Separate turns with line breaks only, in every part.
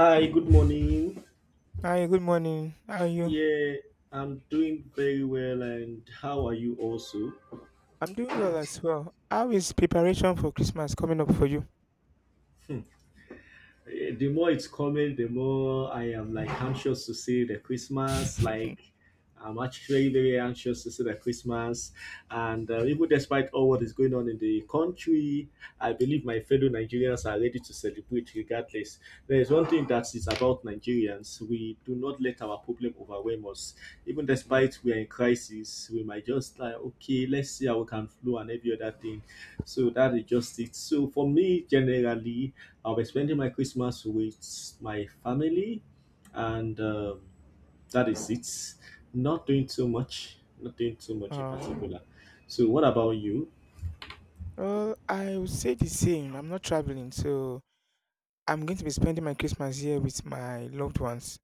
Hi, good morning.
Hi, good morning. How are you?
Yeah, I'm doing very well, and how are you also?
I'm doing well as well. How is preparation for Christmas coming up for you?
The more it's coming, the more I am like anxious to see the Christmas. Like I'm actually very anxious to see the Christmas, and even despite all what is going on in the country, I believe my fellow Nigerians are ready to celebrate regardless. There is one thing that is about Nigerians: we do not let our problem overwhelm us. Even despite we are in crisis, we might just like okay, let's see how we can flow and every other thing so that is just it. So for me, generally, I'll be spending my Christmas with my family, and that is it. Not doing too much. Not doing too much in
Uh,
particular. So what about you?
well, I would say the same. I'm not traveling, so I'm going to be spending my Christmas here with my loved ones.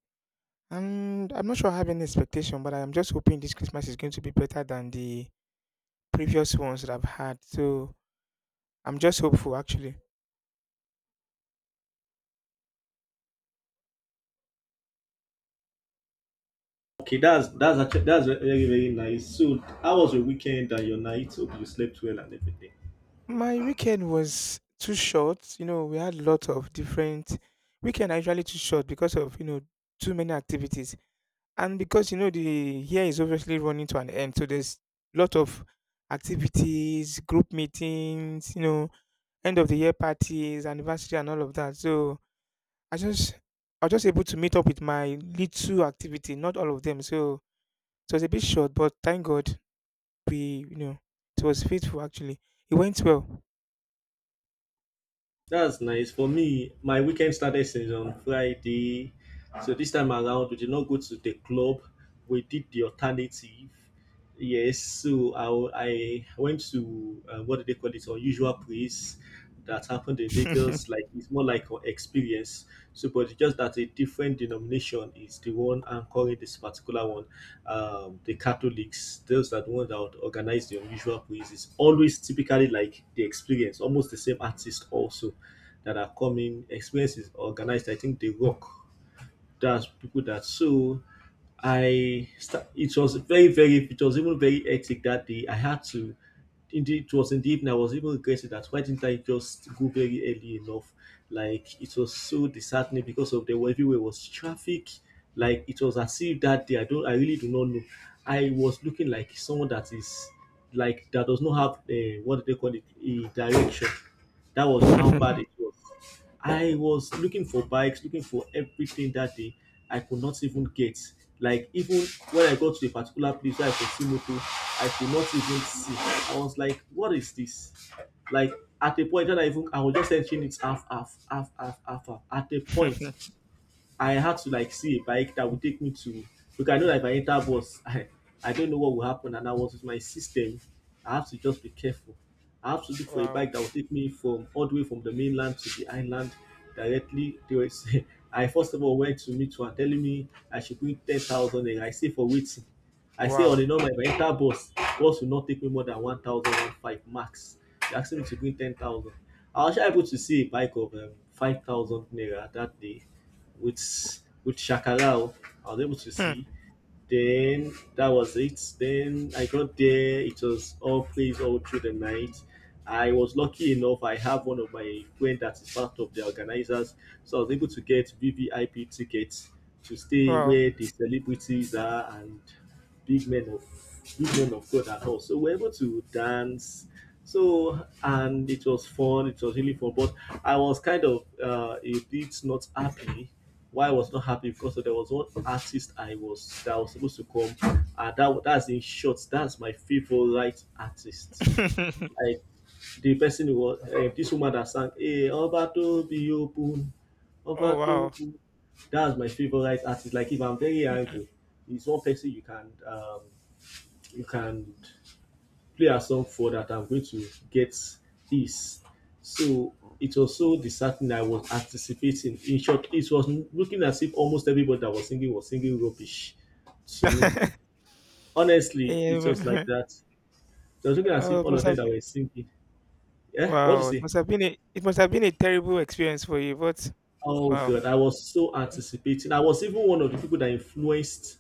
And I'm not sure I have any expectation, but I'm just hoping this Christmas is going to be better than the previous ones that I've had. So I'm just hopeful, actually.
Okay, that's actually that's very nice. So how was your weekend and your night? Hope you slept well and everything.
My weekend was too short. You know, we had a lot of different weekend. I usually too short because of you know too many activities. And because you know the year is obviously running to an end, so there's lot of activities, group meetings, you know, end of the year parties, anniversary, and all of that. So I just I was just able to meet up with my little activity, not all of them. So it was a bit short, but thank God we you know it was faithful actually. It went well.
That's nice. For me, my weekend started since on Friday. So this time around, we did not go to the club. We did the alternative. Yes, so I went to, what do they call it, unusual place that happened in Lagos. Like, it's more like an experience. So, but it's just that a different denomination is the one anchoring this particular one. The Catholics, those are the ones that would organize the unusual plays. It's always typically like the experience, almost the same artist also that are coming. Experience is organized. I think the rock that's people that so it was very it was even very hectic that day. I had to indeed it was in the evening I was even regretting that why didn't I just go very early enough? Like it was so disheartening because of the everywhere was traffic. Like it was as if that day I really do not know. I was looking like someone that is like that does not have what do they call it a direction. That was how bad it was. I was looking for bikes, looking for everything that day. I could not even get. Like even when I got to a particular place where I could see moto, I could not even see. I was like, what is this? Like at a point that I was just searching it half. At a point I had to like see a bike that would take me to because I know that if I enter bus, I don't know what will happen. And I was with my system. I have to just be careful. I have to look for a
Wow!
bike that will take me from all the way from the mainland to the island directly. They were saying- I first of all went to meet one telling me I should bring 10,000 naira. I say for waiting. I say on
Wow!
the normal if I enter bus, bus will not take me more than 1,000 one five max. They asked me to bring 10,000. I was actually able to see a bike of 5,000 naira that day with Shakalao. I was able to
Hmm.
see. Then that was it. Then I got there. It was all plays all through the night. I was lucky enough. I have one of my friend that is part of the organizers, so I was able to get VVIP tickets to stay
Wow!
where the celebrities are and big men of big men of God and all. So we're able to dance. So and it was fun. It was really fun. But I was kind of a bit not happy. Why I was not happy because there was one artist I was that was supposed to come. That that's in short. That's my favorite artist. Like the person who was this woman that sang, "Hey, Obato be open,
Oh wow!
Obato." That's my favorite artist. Like if I'm very angry, it's one person you can play a song for that I'm going to get this. So it was so disheartening. I was anticipating. In short, it was looking as if almost everybody that was singing rubbish to me. Honestly, it was
Yeah.
like that. It was looking as
Oh,
if
it
all
must
of them
have
that
been
were singing. Yeah, what do you
wow, it
say?
must have been a terrible experience for you, but
Oh
wow.
God, I was so
Mm.
anticipating. I was even one of the people that influenced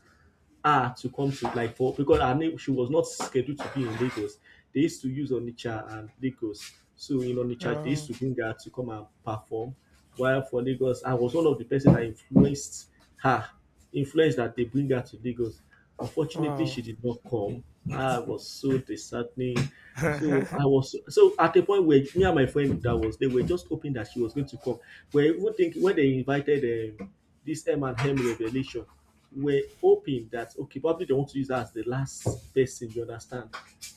her to come to like for because her name she was not scheduled to be in Lagos. They used to use Onitsha and Lagos. So in Onitsha they used
Oh,
to bring her to come and perform. While for Lagos, I was one of the person that influenced her, influenced that they bring her to Lagos. Unfortunately,
wow.
she did not come. I was so disheartening. So I was so at the point where me and my friend that was they were just hoping that she was going to come. We're even thinking when they invited this M&M revelation we're hoping that okay, probably they want to use her as the last person, you understand?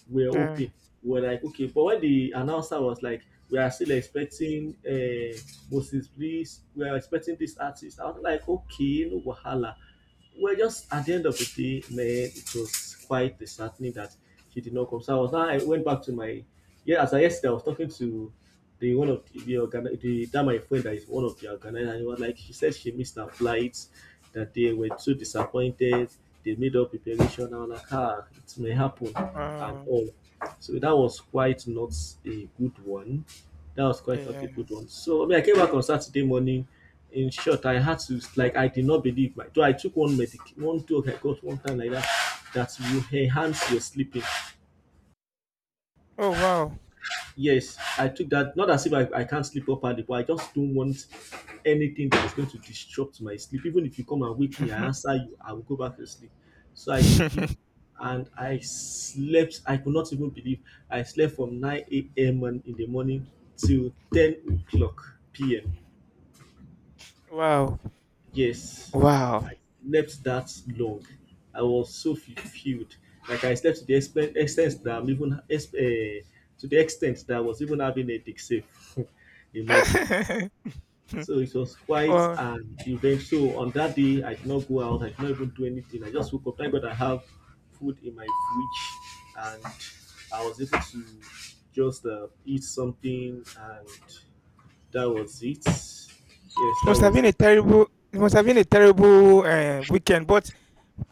We're
Yeah.
hoping. We're like, okay, but when the announcer was like, we are still expecting Moses Bliss, we are expecting this artist, I was like, okay, no wahala. Well, just at the end of the day, man, it was quite disheartening that she did not come. So I was now I went back to my yeah. As I yesterday, I was talking to the one of the, organi- the that my friend that is one of the organizers. And he was like, she said she missed her flight, that they were too disappointed. They made up preparation. And I was like, ah, it may happen, and
Wow.
all. So a good one that was quite not a
Yeah.
good one. So I mean, I came back on Saturday morning. In short, I had to like I did not believe my. So I took one medic, one drug I got one time like that you enhance your sleeping.
Oh, wow.
Yes, I took that. Not as if I can't sleep properly, but I just don't want anything that is going to disrupt my sleep. Even if you come and wake me, I answer you, I will go back to sleep. So I took it and I slept. I could not even believe I slept from 9 a.m. and- in the morning till 10 o'clock p.m.
Wow.
Yes,
Wow.
I slept that long. I was so fulfilled. Like I slept to the extent that I'm even ex- eh, to the extent that I was even having a dick save. Imagine. So it was quite
Well,
an event. So on that day, I did not go out. I did not even do anything. I just woke up. Thank God I have food in my fridge, and I was able to just eat something, and that was it. Yes,
it
that
must have
was
been a
it.
terrible it must have been a terrible weekend, but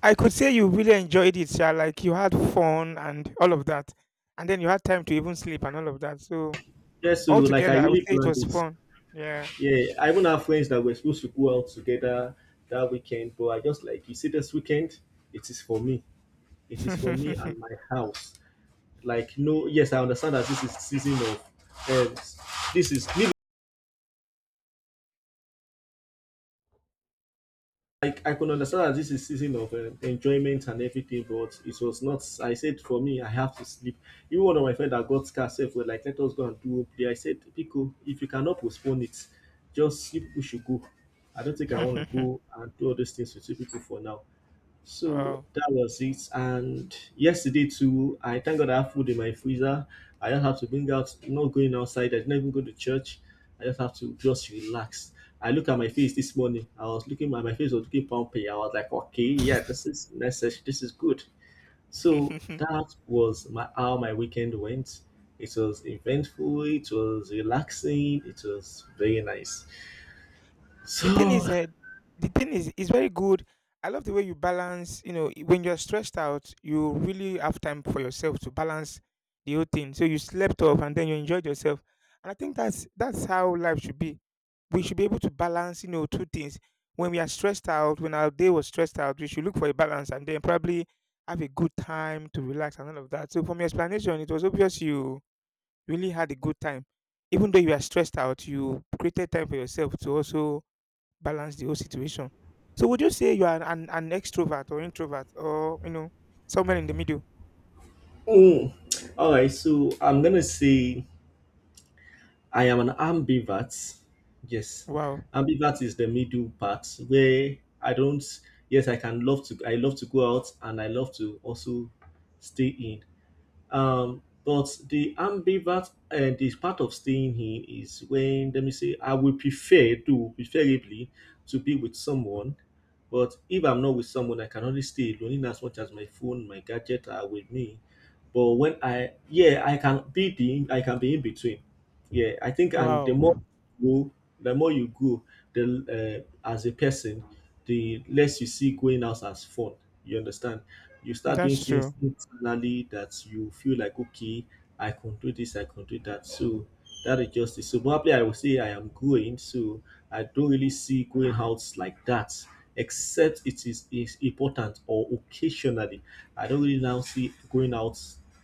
I could say you really enjoyed it, yeah. Like you had fun and all of that. And then you had time to even sleep and all of that. So
Yeah, so like I
altogether I would
really
say it
planned
was
it.
fun. Yeah.
Yeah, I even have friends that were supposed to go out together that weekend, but I just like you see this weekend, it is for me. It is for me and my house. Like no, yes, I understand that this is season of um, this is I could understand that this is season of enjoyment and everything, but it was not. I said for me, I have to sleep. Even one of my friends that got scared said, "Well, like let us go and do play." I said, "Pico, if you cannot postpone it, just sleep. We should go. I don't think I want to go and do all these things with you people for now." So
Wow.
that was it. And yesterday too, I thank God I have food in my freezer. I don't have to bring out, not going outside. I didn't even go to church. I just have to just relax. I look at my face this morning. I was looking at my face was looking pumpy. I was like, okay, yeah, this is necessary. This is good. So that was my how my weekend went. It was eventful. It was relaxing. It was very nice.
the thing
So,
is, uh, thing is very good. I love the way you balance. You know, when you're stressed out, you really have time for yourself to balance the whole thing. So you slept off and then you enjoyed yourself. And I think that's how life should be. We should be able to balance, you know, two things. When we are stressed out, when our day was stressed out, we should look for a balance and then probably have a good time to relax and all of that. So from your explanation, it was obvious you really had a good time. Even though you are stressed out, you created time for yourself to also balance the whole situation. So would you say you are an extrovert or introvert or you know somewhere in the middle?
mm, all right. So I'm gonna say. I am an ambivert. Yes,
Wow.
ambivert is the middle part where I don't. Yes, I can love to. I love to go out, and I love to also stay in. But the ambivert and the part of staying here is when let me say I would prefer to preferably to be with someone, but if I'm not with someone, I can only stay alone in as much as my phone, my gadget are with me. But when I yeah, I can be in between. Yeah, I think and the more
Wow.
grow, the more you grow, the as a person, the less you see going out as fun. You understand? You start doing
That's true.
things internally that you feel like, okay, I can do this, I can do that. So that is just it. So probably I will say I am growing. So I don't really see going out like that, except it is important or occasionally. I don't really now see going out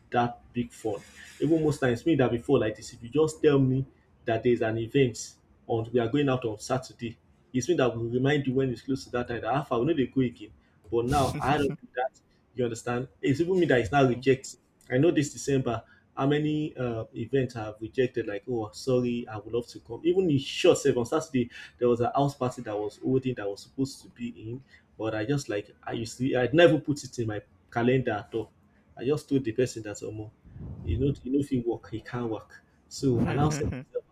that big fun. Even most times, me that before like this, if you just tell me that there's an event on we are going out on Saturday, it's me that will remind you when it's close to that time that half I will know they go again. But now I don't do that. You understand? It's even me that is now
Mm.
rejecting. I know this December, how many events I have rejected? Like, oh, sorry, I would love to come. Even in short, sef, on Saturday, there was a house party that was holding that I was supposed to be in. But I just like I used to I'd never put it in my calendar at all. I just told the person that Omo, you know if you work, he can't work. So I now said myself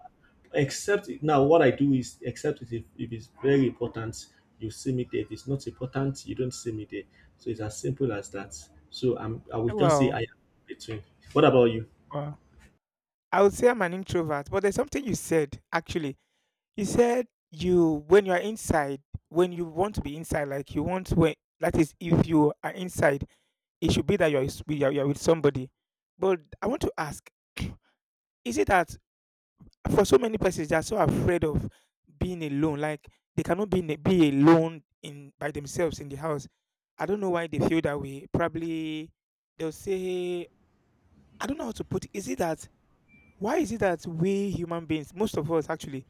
except now what I do is except if it's very important, you see me there. If it's not important, you don't see me there. So it's as simple as that. So I would just say
Wow,
I am between. What about you?
wow. I would say I'm an introvert, but there's something you said actually. You when you are inside, when you want to be inside, like you want when that is if you are inside, it should be that you're with somebody. But I want to ask, is it that for so many persons they are so afraid of being alone, like they cannot be in be alone in by themselves in the house. I don't know why they feel that way. Probably they'll say I don't know how to put it. Is it that why is it that we human beings, most of us actually,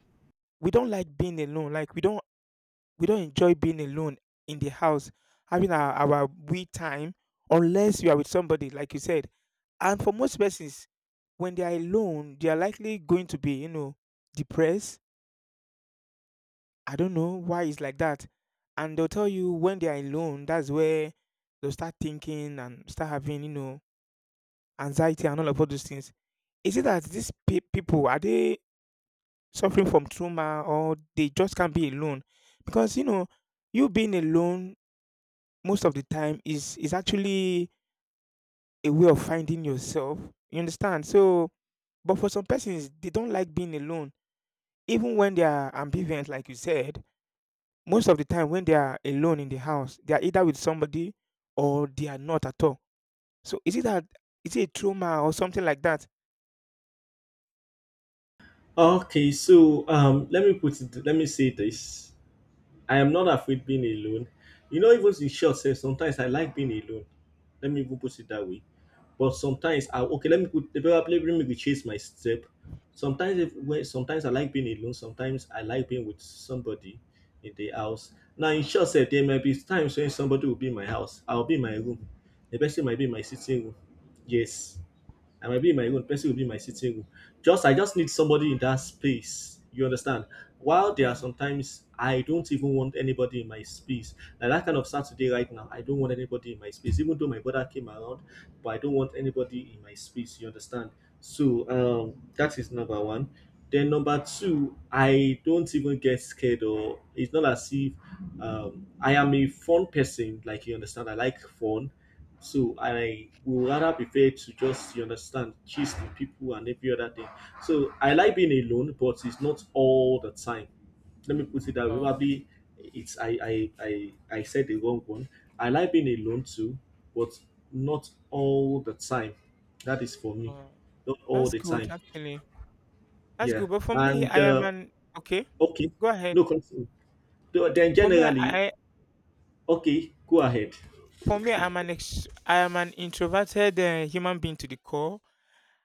we don't like being alone. Like we don't enjoy being alone in the house, having our we time unless you are with somebody, like you said. And for most persons, when they are alone, they are likely going to be, you know, depressed. I don't know why it's like that. And they'll tell you when they are alone, that's where they'll start thinking and start having, you know, anxiety and all of all those things. Is it that these people are they suffering from trauma or they just can't be alone because you know you being alone most of the time is actually a way of finding yourself you understand so but for some persons they don't like being alone even when they are ambivalent like you said most of the time when they are alone in the house they are either with somebody or they are not at all so is it a trauma or something like that
Okay, so let me put it let me say this. I am not afraid being alone. You know, even in short sense, sometimes I like being alone. Let me even put it that way. But sometimes I okay, let me put probably let me chase my step. Sometimes if when sometimes I like being alone, sometimes I like being with somebody in the house. Now in short sense, there may be times when somebody will be in my house. I'll be in my room. The person might be in my sitting room. Yes. I might be in my own, person will be in my sitting room. Just I just need somebody in that space. You understand? While there are
oh,
sometimes I don't even want anybody in my space. Like that kind of Saturday right now, I don't want anybody in my space. Even though my brother came around, but I don't want anybody in my space. You understand? So that is number one. Then number two, I don't even get scared or it's not as if I am a fun person. Like you understand, I like fun. So I will rather prefer to just you understand gist with people and every other thing. So I like being alone, but it's not all the time. Let me put it that way.
oh,
Probably it's I said the wrong one. I like being alone too, but not all the time. That is for me.
oh.
Not all
That's
the
good
time.
actually, that's
Yeah.
good, but for me
And
I am an okay,
okay.
go ahead.
No continue. So Then
For me, I
generally,
I-
okay, go ahead.
for me, I'm an ex- I am an introverted human being to the core,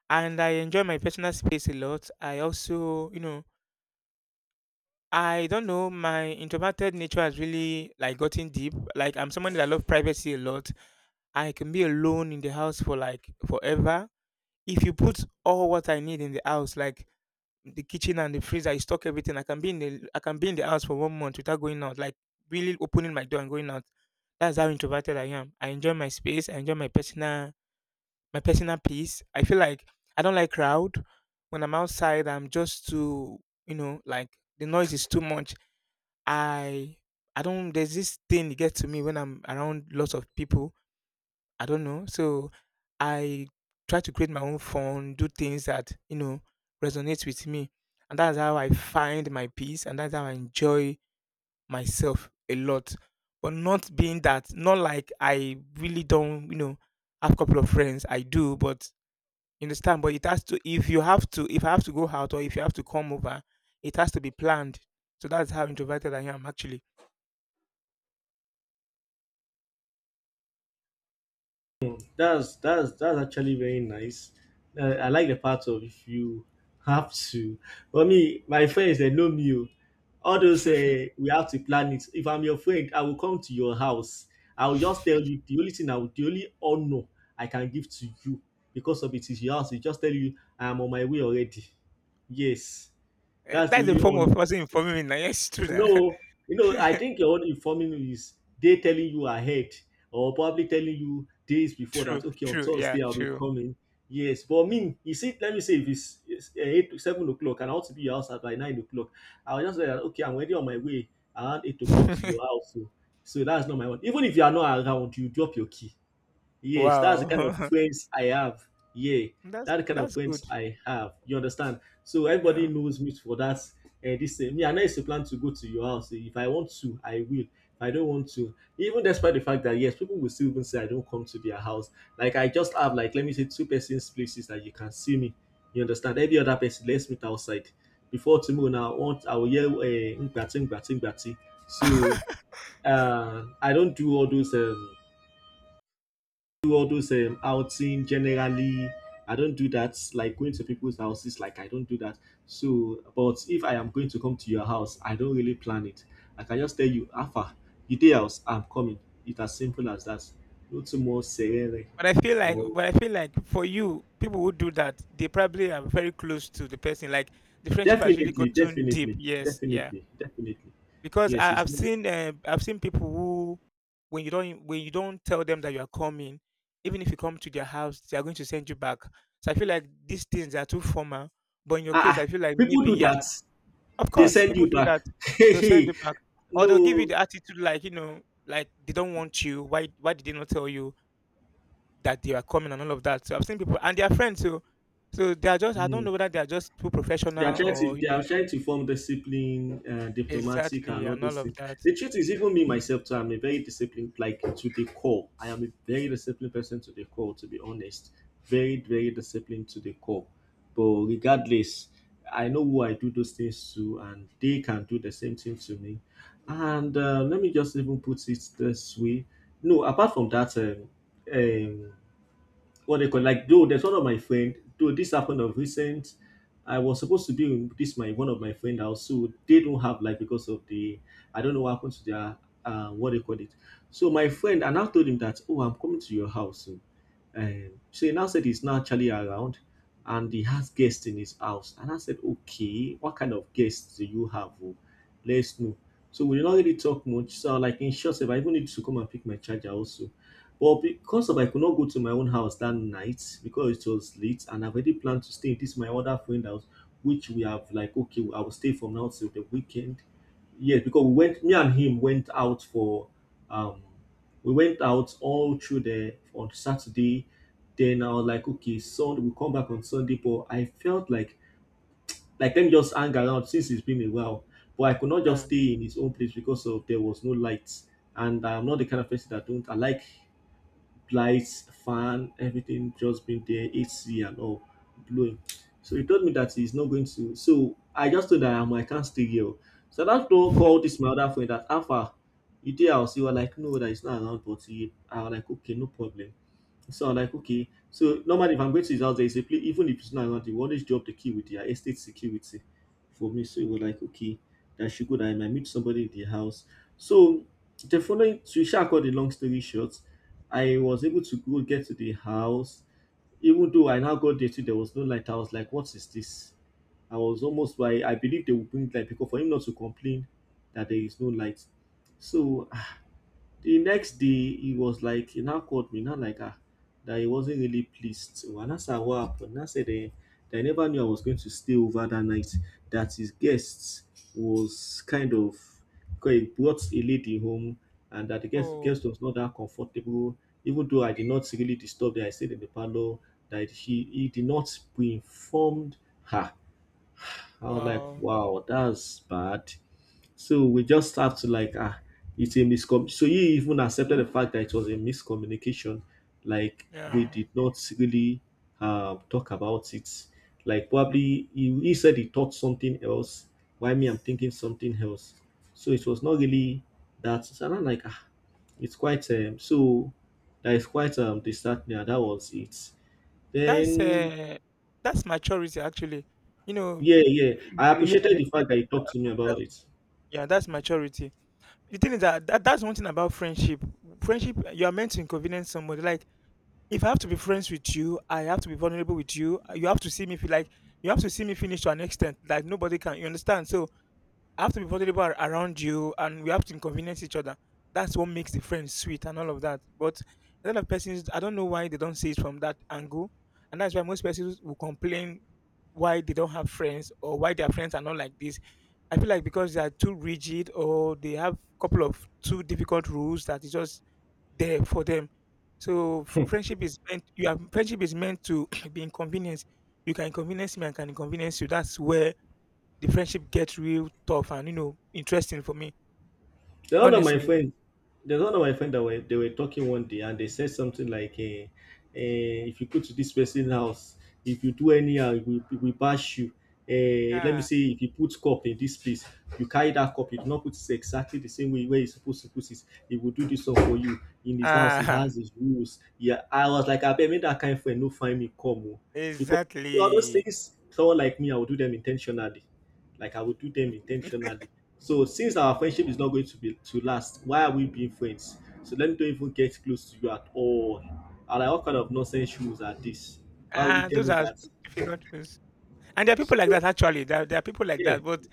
and I enjoy my personal space a lot. I also, you know, I don't know, my introverted nature has really like gotten deep. Like I'm someone that love privacy a lot. I can be alone in the house for like forever. If you put all what I need in the house, like the kitchen and the freezer I stock everything. I can be in the house for 1 month without going out, like really opening my door and going out. That's how introverted I am. I enjoy my space. I enjoy my personal peace. I feel like I don't like crowd. When I'm outside, I'm just too you know like the noise is too much. I I don't there's this thing that gets to me when I'm around lots of people I don't know. So I try to create my own fun, do things that, you know, resonate with me. And that's how I find my peace and that's how I enjoy myself a lot. But not being that, not like I really don't, you know, have a couple of friends. I do, but you understand, but it has to if I have to go out or if you have to come over, it has to be planned. So that's how introverted I am actually.
That's actually very nice. I like the part of if you have to. For me, my friends they know me. Oh. All those we have to plan it. If I'm your friend, I will come to your house. I will just tell you the only thing I will, the only honor I can give to you because of it is your house. I just tell you I am on my way already. Yes,
Eh,
that's the
that's a
only
form of
honor.
also informing me now. Yes, true now.
No, you know, I think your own informing you is they telling you ahead or probably telling you days before
True,
that, okay, on
true, yeah,
Thursday I'll be
true.
coming. Yes, but me, you see, let me say if it's 8 to 7 o'clock and I want to be outside by 9 o'clock, I'll just say, that, okay, I'm already on my way around 8 o'clock to your house. So, so that's not my one. Even if you are not around, you drop your key. Yes, that's the kind of
Wow.
friends I have. Yeah, that kind of
That's good.
friends I have. You understand? So everybody
Yeah.
knows me for that. And this me, I know it's a plan to go to your house. If I want to, I will. If I don't want to, even despite the fact that yes, people will still even say I don't come to their house. Like I just have like let me say two persons places that you can see me. You understand? Any other person, let's meet outside. Before tomorrow, now I want I will hear ngbati ngbati ngbati. So I don't do all those outing generally. I don't do that, like going to people's houses, like I don't do that. So, but if I am going to come to your house, I don't really plan it. Like, I can just tell you, Alpha, you day house, I'm coming. It's as simple as that. No too much serene.
But I feel like
Oh,
for you, people who do that, they probably are very close to the person. Like the friendship has really
definitely,
gotten deep.
definitely,
Yes, yeah.
definitely, definitely.
Because
Yes,
I,
it's
I've
not.
seen I've seen people who when you don't tell them that you are coming, even if you come to their house, they are going to send you back. So I feel like these things are too formal. But in your
Ah,
case, I
ah,
feel like
people
maybe
do
yeah,
that.
of
They
course,
send
people
you
do that.
back. Hey,
They'll send
hey,
you back, or they'll give you
no.
the attitude like you know, like they don't want you. Why? Why did they not tell you that they are coming and all of that? So I've seen people, and they are friends. So, so they are just. I don't
No.
know whether they are just too
They are
professional
trying to
or you
they
know
are trying to form discipline, diplomatic,
exactly
and all
and all
those
of
things.
that.
The truth is, even me myself, too, I'm a very disciplined, like to the core. I am a very disciplined person to the core, to be honest. Very, very disciplined to the core. But regardless, I know who I do those things to, and they can do the same thing to me. And let me just even put it this way: no, apart from that, um, what they call like though there's one of my friend though this happened of recent, I was supposed to be in this my one of my friend house, so they don't have like because of the I don't know what happened to their what they call it. So my friend and I now told him that oh, I'm coming to your house soon. So he now said he's not actually around and he has guests in his house and I said okay, what kind of guests do you have, oh? Let's know. So we did not really talk much, so like in short if I even need to come and pick my charger also, well, because of I could not go to my own house that night because it was late, and I've already planned to stay in this my other friend house, which we have like okay, I will stay from now till the weekend. Yes, because we went, me and him went out for, um, we went out all through the on Saturday. Then I was like, okay, Sunday we come back on Sunday, but I felt like let me just hang around since it's been a while. But I could not just
Yeah.
stay in his own place because of there was no lights, and I'm not the kind of person that don't I like lights, fan, everything just been there, AC and all blowing. So he told me that he's not going to. So I just told her, I can't stay here. Oh." So that don't call this my other friend that Alpha, you there? I'll see. Well, like, no, that is not around, but he, I was like, okay, no problem. So I'm like, okay. So normally, if I'm going to his house, there is a place, even if it's not around, they will always drop the key with their estate security for me. So it was like, okay, that I should go there. I might meet somebody in the house. So the following, to shall cut the long story short, I was able to go get to the house. Even though I now got there, too, there was no light. I was like, what is this? I was almost by, I believe they would bring light because for him not to complain that there is no light. So the next day, he was like, he now called me, not like, ah, that he wasn't really pleased. And I said, what happened? And I said, eh, that I never knew I was going to stay over that night, that his guest was kind of, because he brought a lady home, and that the guest,
Oh
guest was not that comfortable, even though I did not really disturb her, I stayed in the parlor, that he did not pre-informed her. I was like,
wow,
wow, that's bad. So we just have to like ah, it's a miscom. So he even accepted the fact that it was a miscommunication. Like we
yeah.
did not really talk about it. Like probably he said he thought something else. Why me? I'm thinking something else. So it was not really that. So I'm like ah, it's quite so that is quite disheartening. And that was it.
That's
Then,
uh, that's maturity actually. You know,
yeah, yeah,
eh,
I
yeah,
appreciated the fact that he talked to me about it.
yeah, that's maturity. The thing is that, that's one thing about friendship. Friendship, you are meant to inconvenience somebody. Like, if I have to be friends with you, I have to be vulnerable with you. You have to see me feel like you have to see me finish to an extent that nobody can. You understand? So I have to be vulnerable around you, and we have to inconvenience each other. That's what makes the friend sweet and all of that. But a lot of persons, I don't know why they don't see it from that angle, and that's why most persons will complain why they don't have friends or why their friends are not like this. I feel like because they are too rigid or they have a couple of too difficult rules that is just there for them. So friendship is meant to be inconvenienced. You can inconvenience me, I can inconvenience you. That's where the friendship gets real tough and you know interesting for me
The one of my
honestly.
friend, there's one of my friend that were they were talking one day and they said something like, "If you go to this person's house, if you do anyhow, we bash you." Let me
Ah,
say, if you put cup in this place, you carry that cup. You do not put it exactly the same way where you supposed to put it. He will do this one for you in his house. He
ah.
has his rules. Yeah, I was like, "I bet me that kind of friend no find me come oh." Because all those
Exactly.
things. Someone like me, I will do them intentionally. Like I will do them intentionally. So since our friendship is not going to be to last, why are we being friends? So let me don't even get close to you at all. And like what kind of nonsense rules are this? Why would you
Ah,
tell
those
me
are
that? So
difficult things, and there are people like that, actually. There are people like
yeah,
that, but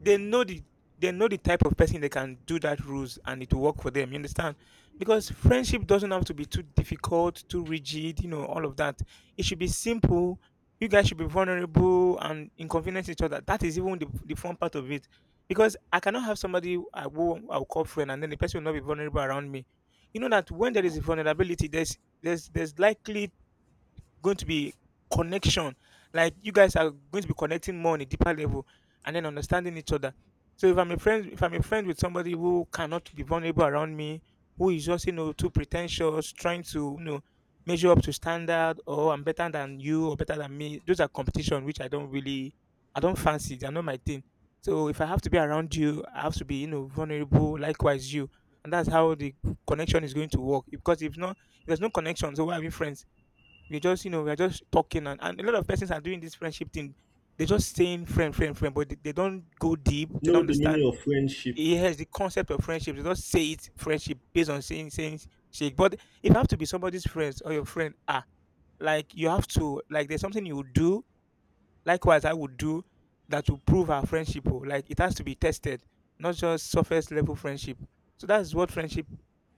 they know the they know the type of person they can do that rules and it will work for them. You understand? Because friendship doesn't have to be too difficult, too rigid, you know, all of that. It should be simple. You guys should be vulnerable and inconvenience each other. That is even the fun part of it. Because I cannot have somebody I will I'll call friend and then the person will not be vulnerable around me. You know that when there is vulnerability, there's likely going to be connection. Like you guys are going to be connecting more on a deeper level and then understanding each other. So if I'm a friend, with somebody who cannot be vulnerable around me, who is just too pretentious, trying to measure up to standard, or I'm better than you or better than me. Those are competition which I don't fancy. They're not my thing. So if I have to be around you, I have to be vulnerable. Likewise you, and that's how the connection is going to work. Because if not, if there's no connection, so why are we friends? We're just talking, and a lot of persons are doing this friendship thing. They're just saying friend, friend, friend, but they don't go deep. They don't
know the meaning
understand.
of friendship.
Yes, the concept of friendship. They just say it friendship based on saying shake. But if you have to be somebody's friends or your friend, ah, like you have to, like, there's something you would do. Likewise, I would do that will prove our friendship. Oh, like it has to be tested, not just surface level friendship. So that's what friendship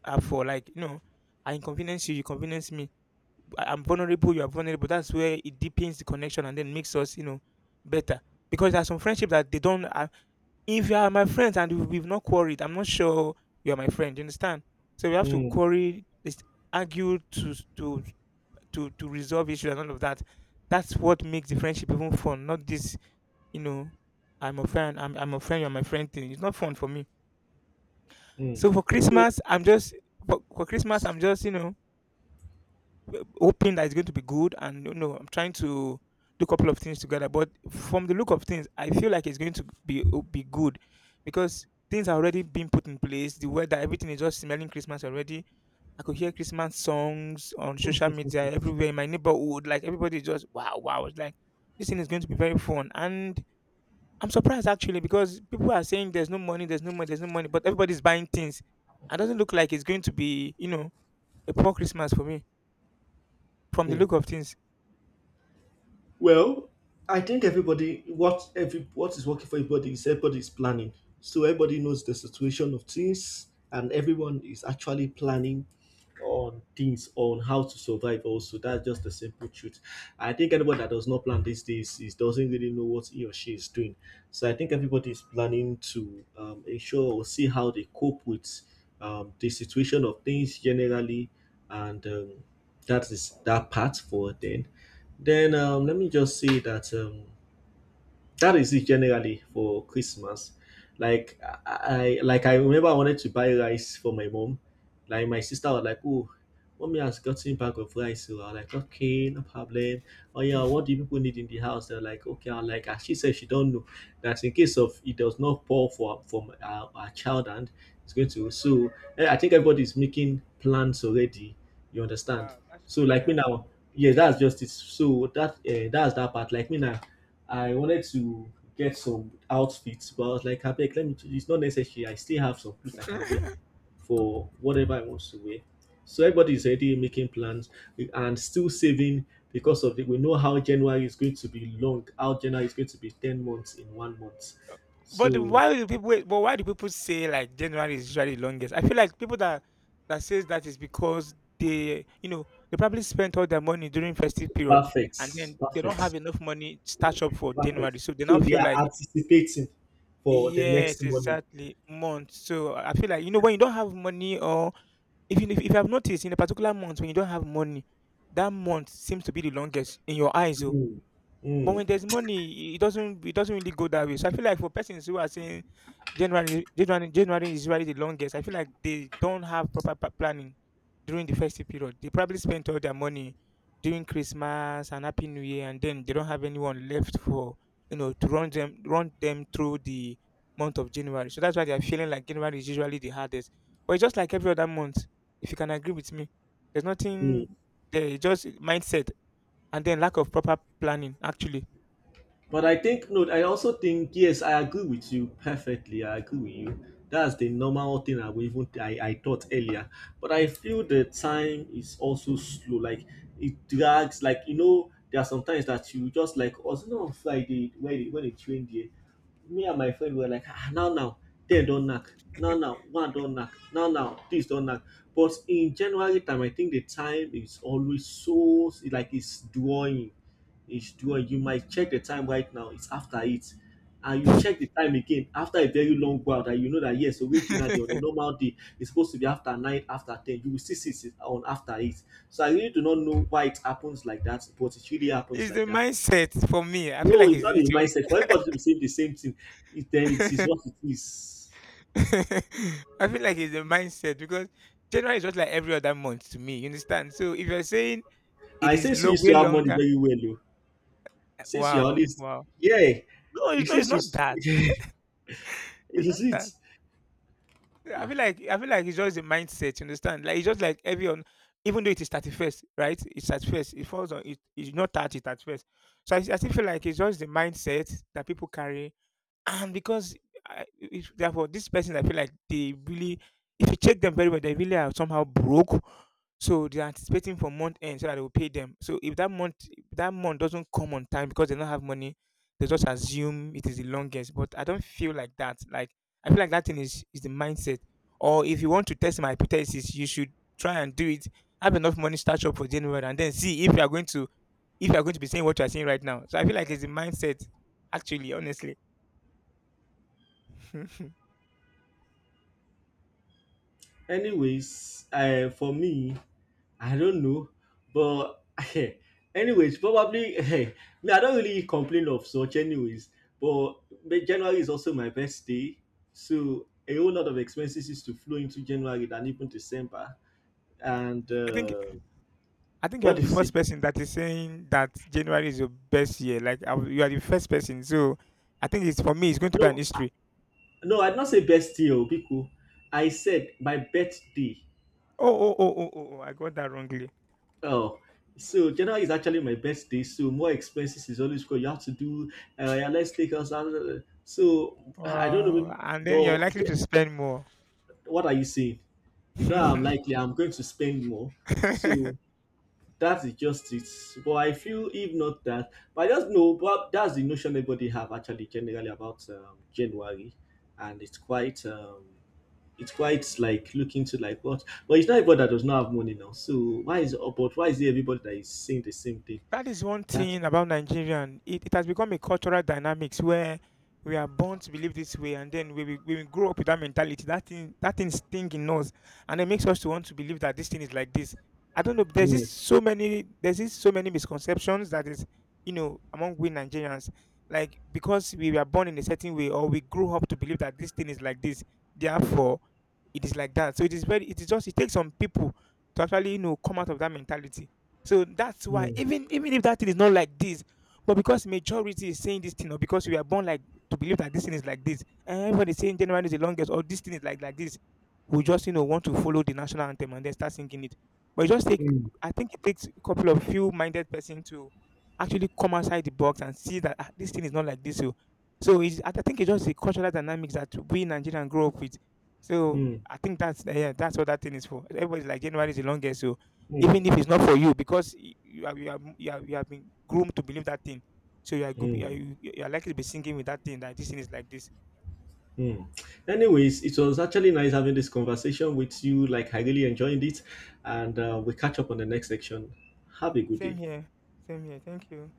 are for. Like, I inconvenience you, you convenience me. I'm vulnerable, you are vulnerable. That's where it deepens the connection and then makes us, better. Because there are some friendship that they don't. If you are my friend and we've not quarried, I'm not sure you are my friend. You understand? So we have to
Mm,
quarry, argue to resolve issues and all of that. That's what makes the friendship even fun. Not this, you know, I'm a friend. I'm a friend. You're my friend thing. It's not fun for me.
mm.
So for Christmas, I'm just for Christmas,
So
I'm just hoping that it's going to be good, and I'm trying to do a couple of things together. But from the look of things, I feel like it's going to be good, because things are already being put in place. The weather, everything is just smelling Christmas already. I could hear Christmas songs on social media, everywhere in my neighborhood. Like, everybody is just wow, wow. It's like this thing is going to be very fun. And I'm surprised, actually, because people are saying there's no money, there's no money, there's no money, but everybody's buying things. It doesn't look like it's going to be a poor Christmas for me, from the look of things.
Well, I think everybody, what is working for everybody, is everybody is planning. So everybody knows the situation of things and everyone is actually planning on things on how to survive also. That's just the simple truth. I think anyone that does not plan these days is doesn't really know what he or she is doing. So I think everybody is planning to ensure or see how they cope with the situation of things generally and that is that part for then let me just say that that is it generally for Christmas. Like I remember I wanted to buy rice for my mom. Like my sister was like, "Oh, mommy has gotten bag of rice." So I was like, "Okay, no problem." Oh yeah, what do you people need in the house? They're like, "Okay." I'm like, "Ah, she said she don't know that in case of it does not pour for from our child and it's going to." So I think everybody's making plans already. You understand? So like me now, yeah, that's just it. So that that's that part. Like me now, I wanted to get some outfits, but I was like, I beg, let me. It's not necessary. I still have some clothes I can wear for whatever I want to wear. So everybody is already making plans and still saving because of it. We know how January is going to be long. How January is going to be 10 months in one month.
But then
So
why do people wait, but why do people say, like, January is usually the longest? I feel like people that says that is because they you know they probably spent all their money during festive period,
perfect,
and then they don't have
perfect,
enough money stash up for
perfect.
January. So they now
So they
feel
are
like,
anticipating for the next
yes,
money.
exactly, month. So I feel like, when you don't have money, or even if I've noticed, in a particular month when you don't have money, that month seems to be the longest in your eyes. Oh.
Mm,
But
mm,
when there's money, it doesn't really go that way. So I feel like for persons who are saying January, January, January is usually the longest, I feel like they don't have proper planning during the festive period. They probably spent all their money during Christmas and Happy New Year, and then they don't have anyone left for to run them through the month of January. So that's why they are feeling like January is usually the hardest. But it's just like every other month. If you can agree with me, there's
mm.
nothing there. It's just mindset, and then lack of proper planning, actually.
But I think no, I also think yes, I agree with you perfectly. I agree with you. That's the normal thing I would even I thought earlier. But I feel the time is also slow. Like it drags. Like you know, there are sometimes that you just like also you know, on Friday when it trained here, me and my friend were like, ah, now, now, ten don't knock, now, now, one don't knock, now, now, this don't knock. But in January time, I think the time is always so like it's drawing. It's doing. You might check the time right now. It's after it, and you check the time again after a very long while that you know that, yes, originally on a normal day it's supposed to be after nine, after ten. You will still see it's on after eight. So I really do not know why it happens like that, but it really happens
it's the
like that.
mindset for me. I feel
No,
like
it's
it's,
not
it's
in
your.
mindset. For everybody to be saying the same thing, it, then it is what it is.
I feel like it's the mindset because January is just like every other month to me. You understand? So if you're saying it
I
is
since you
long,
used
way
to have money
longer,
very well, though. Since you are
wow,
always,
wow.
yeah,
No,
it
it's
says
not
it's,
that.
it
It's not
is it.
that. I
Ah,
feel like I feel like it's just the mindset. You understand? Like it's just like even though it is 31st, right? It's at first. It falls on. It's not 30 at first. So I still feel like it's just the mindset that people carry. And because I, if, therefore, this person, I feel like they really, if you check them very well, they really are somehow broke. So they're anticipating for month end so that they will pay them. So if that month doesn't come on time because they don't have money, they just assume it is the longest. But I don't feel like that. Like, I feel like that thing is the mindset. Or if you want to test my hypothesis, you should try and do it. Have enough money start up for January, and then see if you are going to if you are going to be saying what you are saying right now. So I feel like it's the mindset, actually, honestly.
anyways, for me, I don't know, but anyways, probably hey, me I don't really complain of such anyways. But but January is also my birthday, so a whole lot of expenses is to flow into January than even December. And
I think I think you are
what
the
did you
first
say?
person that is saying that January is your best year. Like you are the first person, so I think it's for me. It's going to be
No,
an history.
no, I did not say birthday, oh, Biku. I said my birthday.
Oh, oh, oh, oh, oh! Oh, I got that wrongly.
Oh, so January is actually my birthday, so more expenses is always good. You have to do. Yeah, let's take us out. So I don't know,
Wow! And then you're likely
but.
to spend more.
What are you saying? You know, I'm likely I'm going to spend more. So that is just it. But I feel if not that, but I just know, but that's the notion everybody have actually generally about January, and it's quite. It's quite like looking to like what, but it's not everybody that does not have money now. So why is but why is it everybody that is saying the same thing?
That is one
That
thing about Nigerian. It has become a cultural dynamics where we are born to believe this way, and then when we grow up with that mentality, that thing sting in us, and it makes us to want to believe that this thing is like this. I don't know. There's just
Mm,
so many. There's just so many misconceptions that is, among we Nigerians, like because we were born in a certain way, or we grew up to believe that this thing is like this. Therefore, it is like that. So it is just, it takes some people to actually, come out of that mentality. So that's why
mm,
even if that thing is not like this, but because majority is saying this thing, or because we are born like to believe that this thing is like this, and everybody saying January is the longest, or this thing is like this, we just want to follow the national anthem and then start singing it. But it just take
mm,
I think it takes a couple of few minded person to actually come outside the box and see that, "Ah, this thing is not like this." So I think it's just the cultural dynamics that we in Nigerian grow up with. So
mm,
I think that's, yeah, that's what that thing is for. Everybody's like January is the longest, so even
mm,
if it's not for you, because you have been groomed to believe that thing, so you are good, you are,
mm.
you are likely to be singing with that thing, that this thing is like this.
Hmm. Anyways, it was actually nice having this conversation with you. Like, I really enjoyed it. And we catch up on the next section. Have a good
Same
day.
here, same here. Thank you.